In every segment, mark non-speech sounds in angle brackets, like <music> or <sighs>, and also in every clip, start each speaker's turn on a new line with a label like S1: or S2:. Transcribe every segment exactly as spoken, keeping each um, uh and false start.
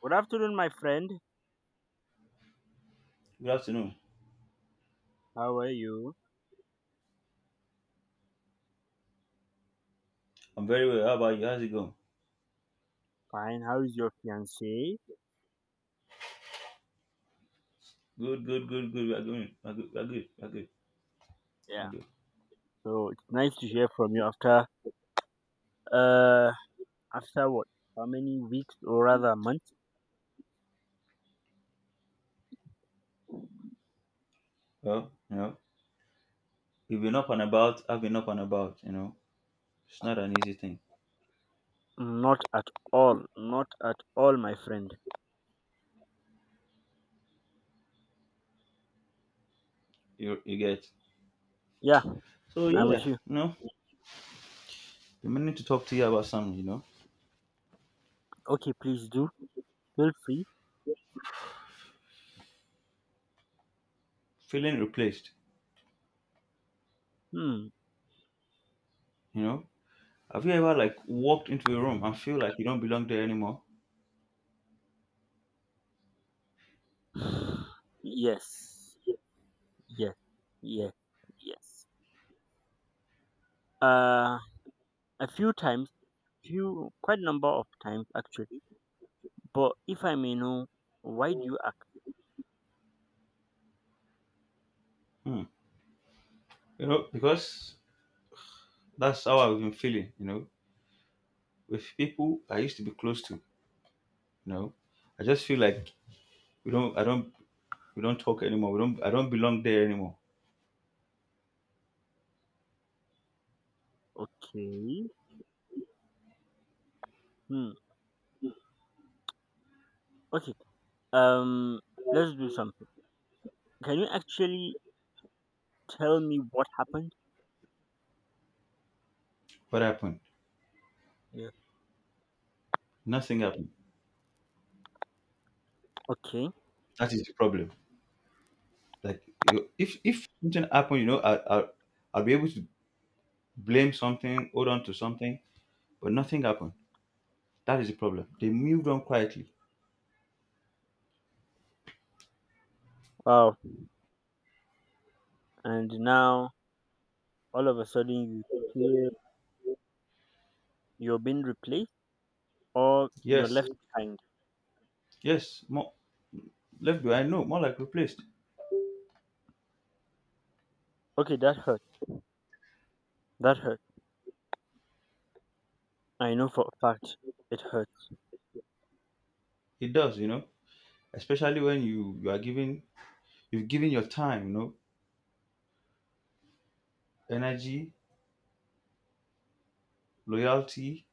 S1: Good afternoon, my friend.
S2: Good afternoon.
S1: How are you?
S2: I'm very well. How about you? How's it going?
S1: Fine. How is your fiance?
S2: Good, good, good, good. We're going. We're good. We're good. We're good.
S1: Yeah.
S2: We're good.
S1: So it's nice to hear from you after uh after what? How many weeks or rather months?
S2: Well, you know, you've been up and about. I've been up and about. You know, it's not an easy thing.
S1: Not at all. Not at all, my friend.
S2: You you get.
S1: Yeah,
S2: So
S1: I'm with
S2: yeah,
S1: you.
S2: you know, I'm meaning to talk to you about something. You know,
S1: Okay, please do. Feel free.
S2: feeling replaced.
S1: Hmm,
S2: You know, have you ever like walked into a room and feel like you don't belong there anymore?
S1: okay. <sighs> Yes. Yes. Yes. Yes. Uh a few times, few quite number of times actually. But if I may know, why do you?
S2: Hmm. You know, because that's how I've been feeling. You know, with people I used to be close to. You know, I just feel like we don't. I don't. We don't talk anymore. We don't. I don't belong there anymore.
S1: Okay. Hmm. Okay. Um. Let's do something. Can you actually tell me what happened?
S2: What happened?
S1: Yeah.
S2: Nothing happened.
S1: Okay.
S2: That is the problem. Like you- if if something happened, you know, I, I I'll be able to blame something, hold on to something, but nothing happened. That is the problem. They moved on quietly.
S1: Wow. And now all of a sudden you feel you're being replaced or you're
S2: Yes,
S1: left behind.
S2: yes, more left behind. No, more like replaced.
S1: Okay, that hurt. That hurt. I know for a fact it hurt.
S2: It does, you know, especially when you you are giving you've given your time, you know, energy, loyalty,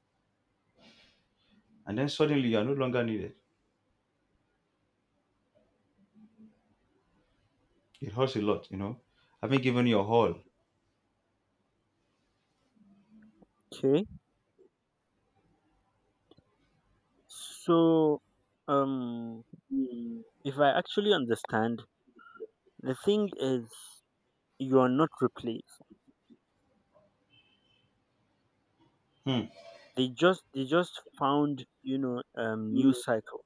S2: and then suddenly you are no longer needed. It hurts a lot, you know. Having given your all.
S1: Okay. So, um, if I actually understand, the thing is you are not replaced.
S2: Hmm.
S1: They just they just found you know um new cycle,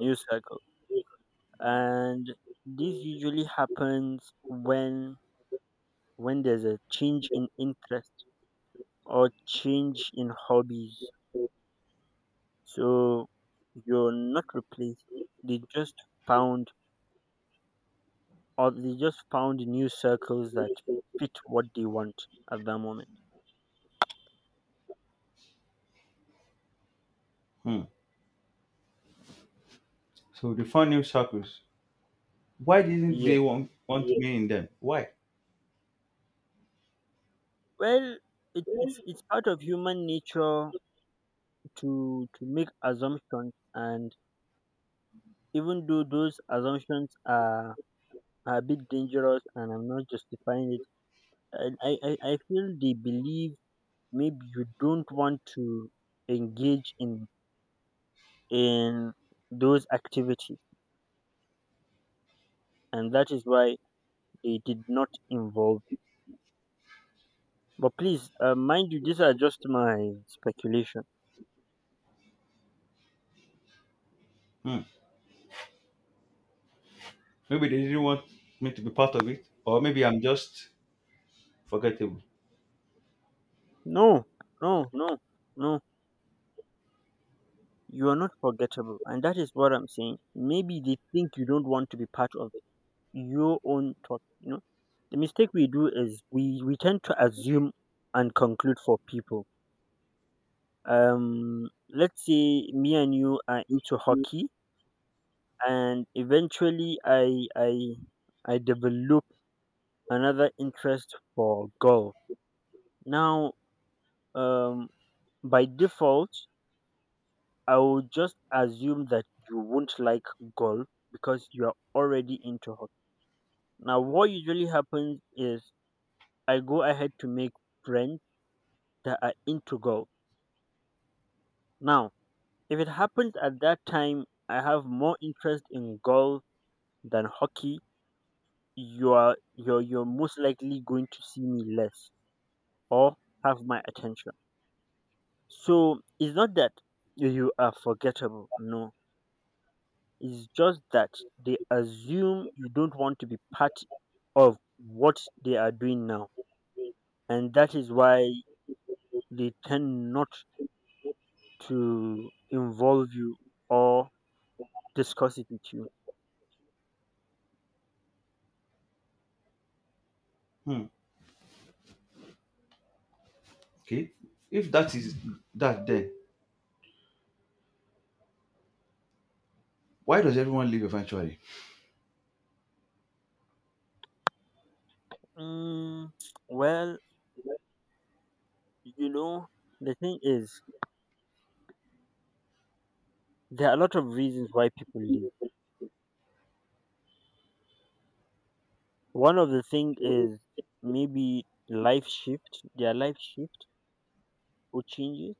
S1: new cycle, and this usually happens when when there's a change in interest or change in hobbies. So you're not replaced, they just found, or they just found, new circles that fit what they want at that moment.
S2: Hmm. So they found new circles. Why didn't
S1: Yeah,
S2: they want, want Yes. me in them? Why?
S1: well, it, it's it's part of human nature to to make assumptions, and even though those assumptions are, are a bit dangerous, and I'm not justifying it. And I, I i feel they believe maybe you don't want to engage in in those activities, and that is why they did not involve you. But please, uh, mind you, these are just my speculation.
S2: Hmm. Maybe they didn't want me to be part of it, or maybe I'm just forgettable.
S1: No, no, no, no, you are not forgettable, and that is what I'm saying. Maybe they think you don't want to be part of it, your own thought, you know. The mistake we do is we we tend to assume and conclude for people. Um, let's say me and you are into hockey, and eventually I I I develop another interest for golf. Now, um, by default, I will just assume that you won't like golf because you are already into hockey. Now, what usually happens is I go ahead to make friends that are into golf. Now, if it happens at that time, I have more interest in golf than hockey, you are you're you're most likely going to see me less or have my attention. So it's not that you are forgettable, no. It's just that they assume you don't want to be part of what they are doing now. And that is why they tend not to involve you or discuss it with you.
S2: Hmm. Okay. If that is that, then why does everyone leave eventually?
S1: Mm, well, you know, the thing is, there are a lot of reasons why people leave. One of the thing is maybe life shift, their life shift or changes,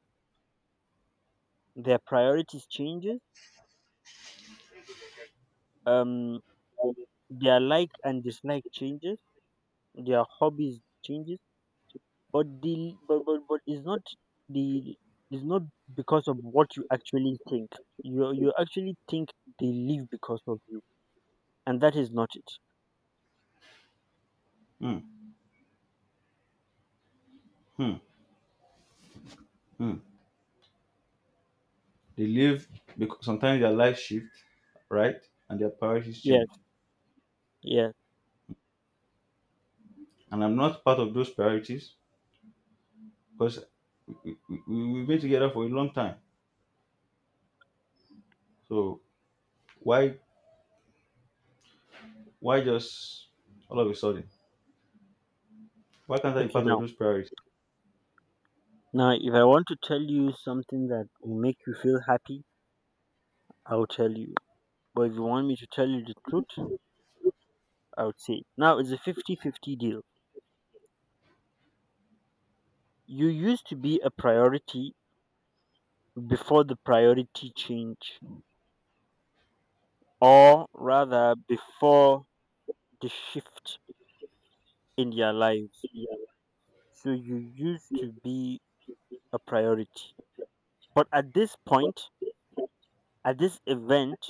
S1: their priorities changes, um, their like and dislike changes, their hobbies changes, but the but but, but it's not the it's not because of what you actually think. You you actually think they live because of you, and that is not it.
S2: Hmm. Hmm. Hmm. They leave because sometimes their life shift, right, and their priorities
S1: Yes,
S2: change.
S1: yes.
S2: And I'm not part of those priorities because we, we, we- we've been together for a long time. So why why just all of a sudden? Why can't I be
S1: Okay,
S2: part of
S1: now
S2: those priorities?
S1: now if I want to tell you something that will make you feel happy, I'll tell you. But if you want me to tell you the truth, I would say now it's a fifty-fifty deal. You used to be a priority before the priority change, or rather, before the shift in their lives. So you used to be a priority. But at this point, at this event,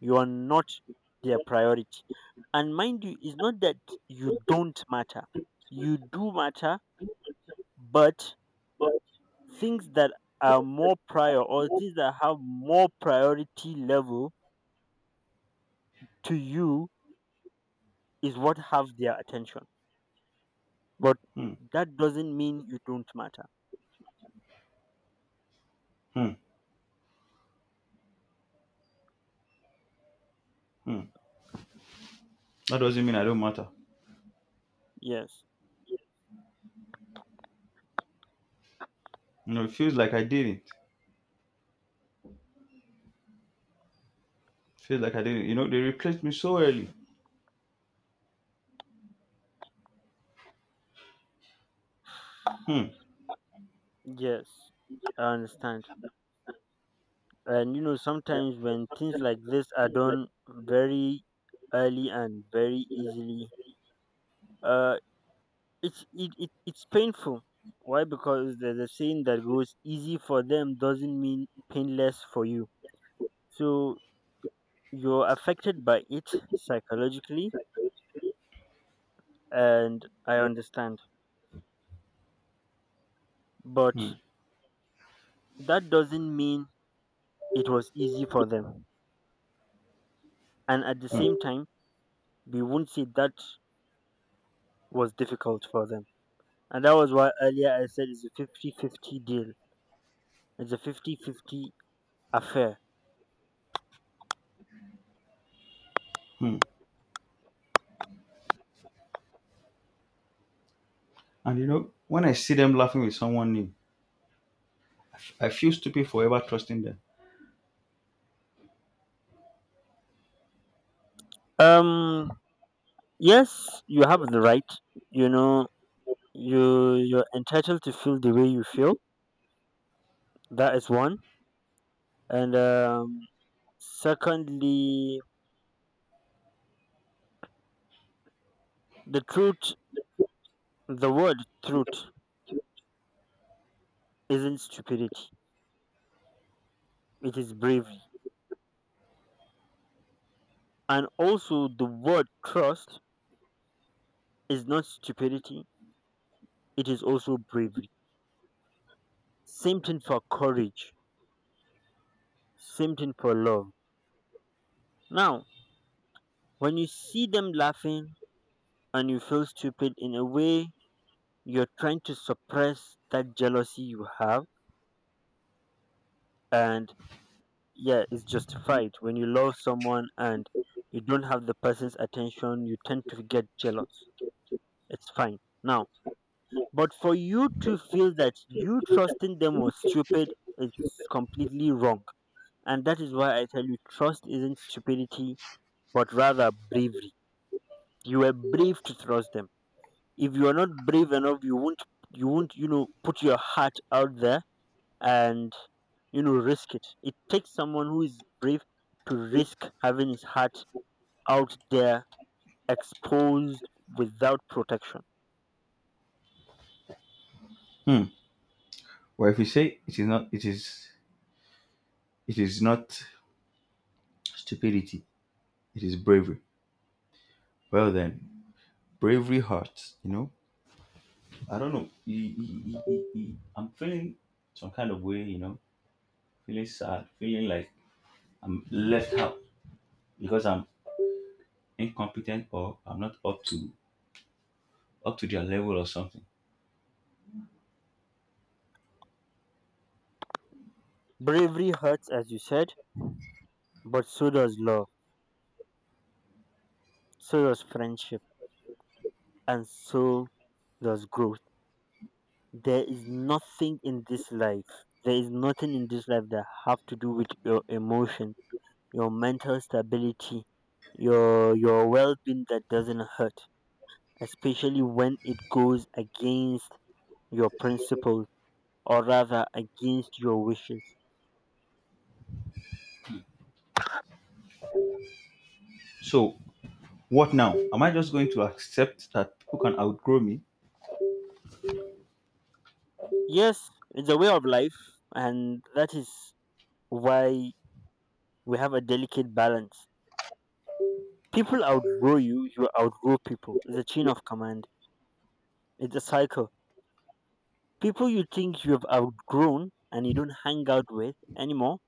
S1: you are not their priority. And mind you, it's not that you don't matter, you do matter, but things that are more prior, or things that have more priority level to you, is what have their attention. But
S2: Hmm.
S1: that doesn't mean you don't matter.
S2: Hmm. Hmm. That doesn't mean I don't matter.
S1: Yes,
S2: You know, it feels like I didn't. Feels like I didn't. You know, they replaced me so early. Hmm.
S1: yes, I understand. And you know, sometimes when things like this are done very early and very easily, uh it's it, it it's painful. Why? Because there's a saying that goes, easy for them doesn't mean painless for you. So you're affected by it psychologically, and I understand. But
S2: Hmm.
S1: that doesn't mean it was easy for them. And at the same
S2: Hmm.
S1: time, we won't say that was difficult for them. And that was why earlier I said it's a fifty-fifty deal, it's a fifty-fifty affair.
S2: Hmm. And you know, when I see them laughing with someone new, I f- I feel stupid forever trusting them.
S1: Um, yes, you have the right, you know, you, you're entitled to feel the way you feel. That is one. And um, secondly, the truth the word truth isn't stupidity, it is bravery. And also, the word trust is not stupidity, it is also bravery. Same thing for courage, same thing for love. Now, when you see them laughing and you feel stupid in a way, you're trying to suppress that jealousy you have, and yeah, it's justified. When you love someone and you don't have the person's attention, you tend to get jealous. It's fine. Now, but for you to feel that you trusting them was stupid is completely wrong. And that is why I tell you trust isn't stupidity, but rather bravery. You were brave to trust them. If you are not brave enough, you won't you won't, you know, put your heart out there and, you know, risk it. It takes someone who is brave to risk having his heart out there exposed without protection.
S2: Hmm. Well, if you say it is not, it is, it is not stupidity. It is bravery. Well then, bravery hurts. You know, I don't know. E- e- e- e- e- I'm feeling some kind of way. You know, feeling sad, feeling like I'm left out because I'm incompetent or I'm not up to up to their level or something.
S1: Bravery hurts, as you said, but so does love, so does friendship, and so does growth. There is nothing in this life, there is nothing in this life that have to do with your emotion, your mental stability, your your well-being, that doesn't hurt, especially when it goes against your principles, or rather against your wishes.
S2: So what now? Am I just going to accept that people can outgrow me?
S1: Yes, it's a way of life, and that is why we have a delicate balance. People outgrow you, you outgrow people. It's a chain of command. It's a cycle. People you think you've outgrown and you don't hang out with anymore,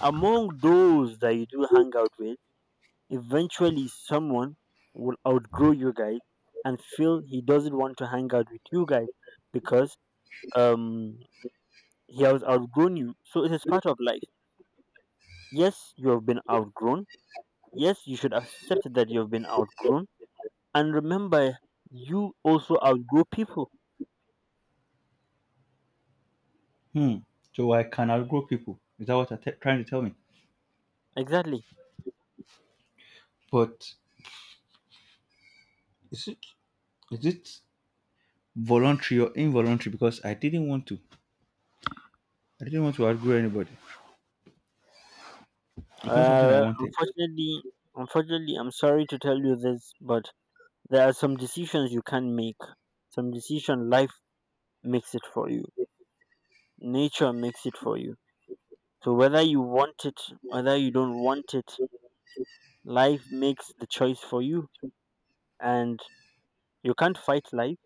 S1: among those that you do hang out with, eventually someone will outgrow you guys and feel he doesn't want to hang out with you guys because um he has outgrown you. So it is part of life. Yes, you have been outgrown. Yes, you should accept that you have been outgrown. And remember, you also outgrow people.
S2: Hmm. So I can outgrow people. Is that what you're te- trying to tell me?
S1: Exactly.
S2: But is it is it voluntary or involuntary? Because I didn't want to. I didn't want to outgrow anybody.
S1: Uh,
S2: It's not something I
S1: well,
S2: wanted.
S1: unfortunately, unfortunately, I'm sorry to tell you this, but there are some decisions you can make. Some decision life makes it for you. Nature makes it for you. So whether you want it, whether you don't want it, life makes the choice for you, and you can't fight life.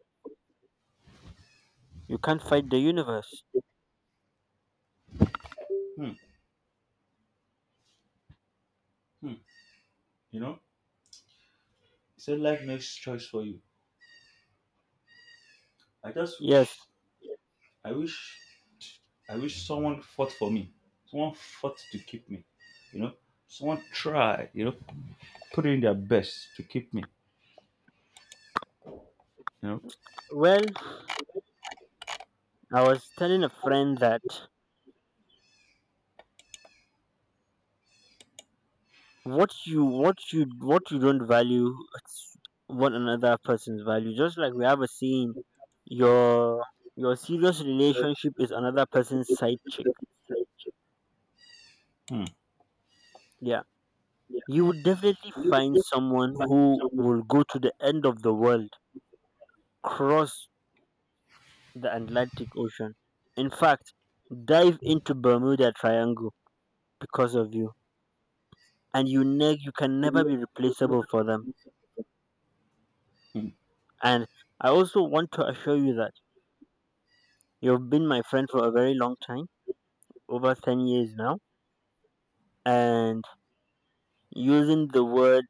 S1: You can't fight the universe.
S2: Hmm. Hmm. You know, he said life makes choice for you. I just
S1: Yes.
S2: wish. I wish I wish someone fought for me. Someone fought to keep me. You know, someone tried. You know, put in their best to keep me. You know.
S1: Well, I was telling a friend that what you what you what you don't value, it's one another person's value. Just like we have a saying, your your serious relationship is another person's side chick.
S2: Hmm,
S1: Yeah, you would definitely find someone who will go to the end of the world, cross the Atlantic Ocean, in fact, dive into Bermuda Triangle, because of you, and you ne- you can never be replaceable for them.
S2: hmm,
S1: And I also want to assure you that you've been my friend for a very long time, over ten years now. And using the word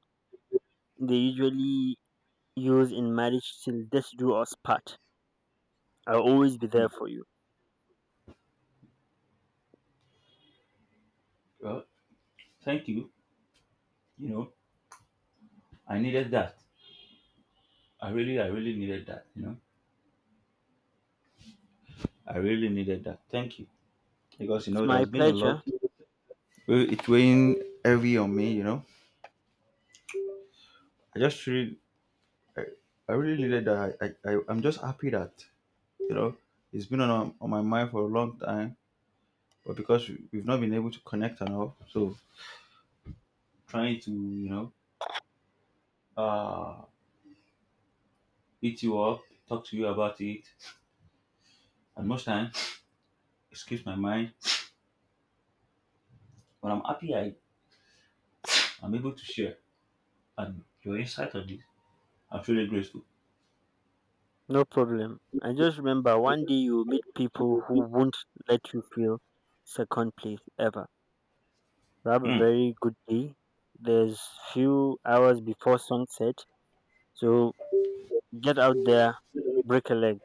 S1: they usually use in marriage, till death do us part, I'll always be there
S2: hmm.
S1: for you.
S2: Well, thank you. You know, I needed that. I really, I really needed that. You know, I really needed that. Thank you because you know
S1: It's
S2: it has
S1: my
S2: been a lot.
S1: pleasure,
S2: Well, it weighing heavy on me. You know, I just really, I, I really needed that. I, I, I- I'm just happy that you know it's been on on my mind for a long time, but because we- we've not been able to connect enough, so trying to, you know, uh, eat you up, talk to you about it. And most time, it escapes my mind. But I'm happy I, I'm able to share. And your insight on this, I'm truly grateful.
S1: no problem. I just remember one day you'll meet people who won't let you feel second place ever. So have a
S2: Hmm.
S1: very good day. There's few hours before sunset, so get out there, break a leg.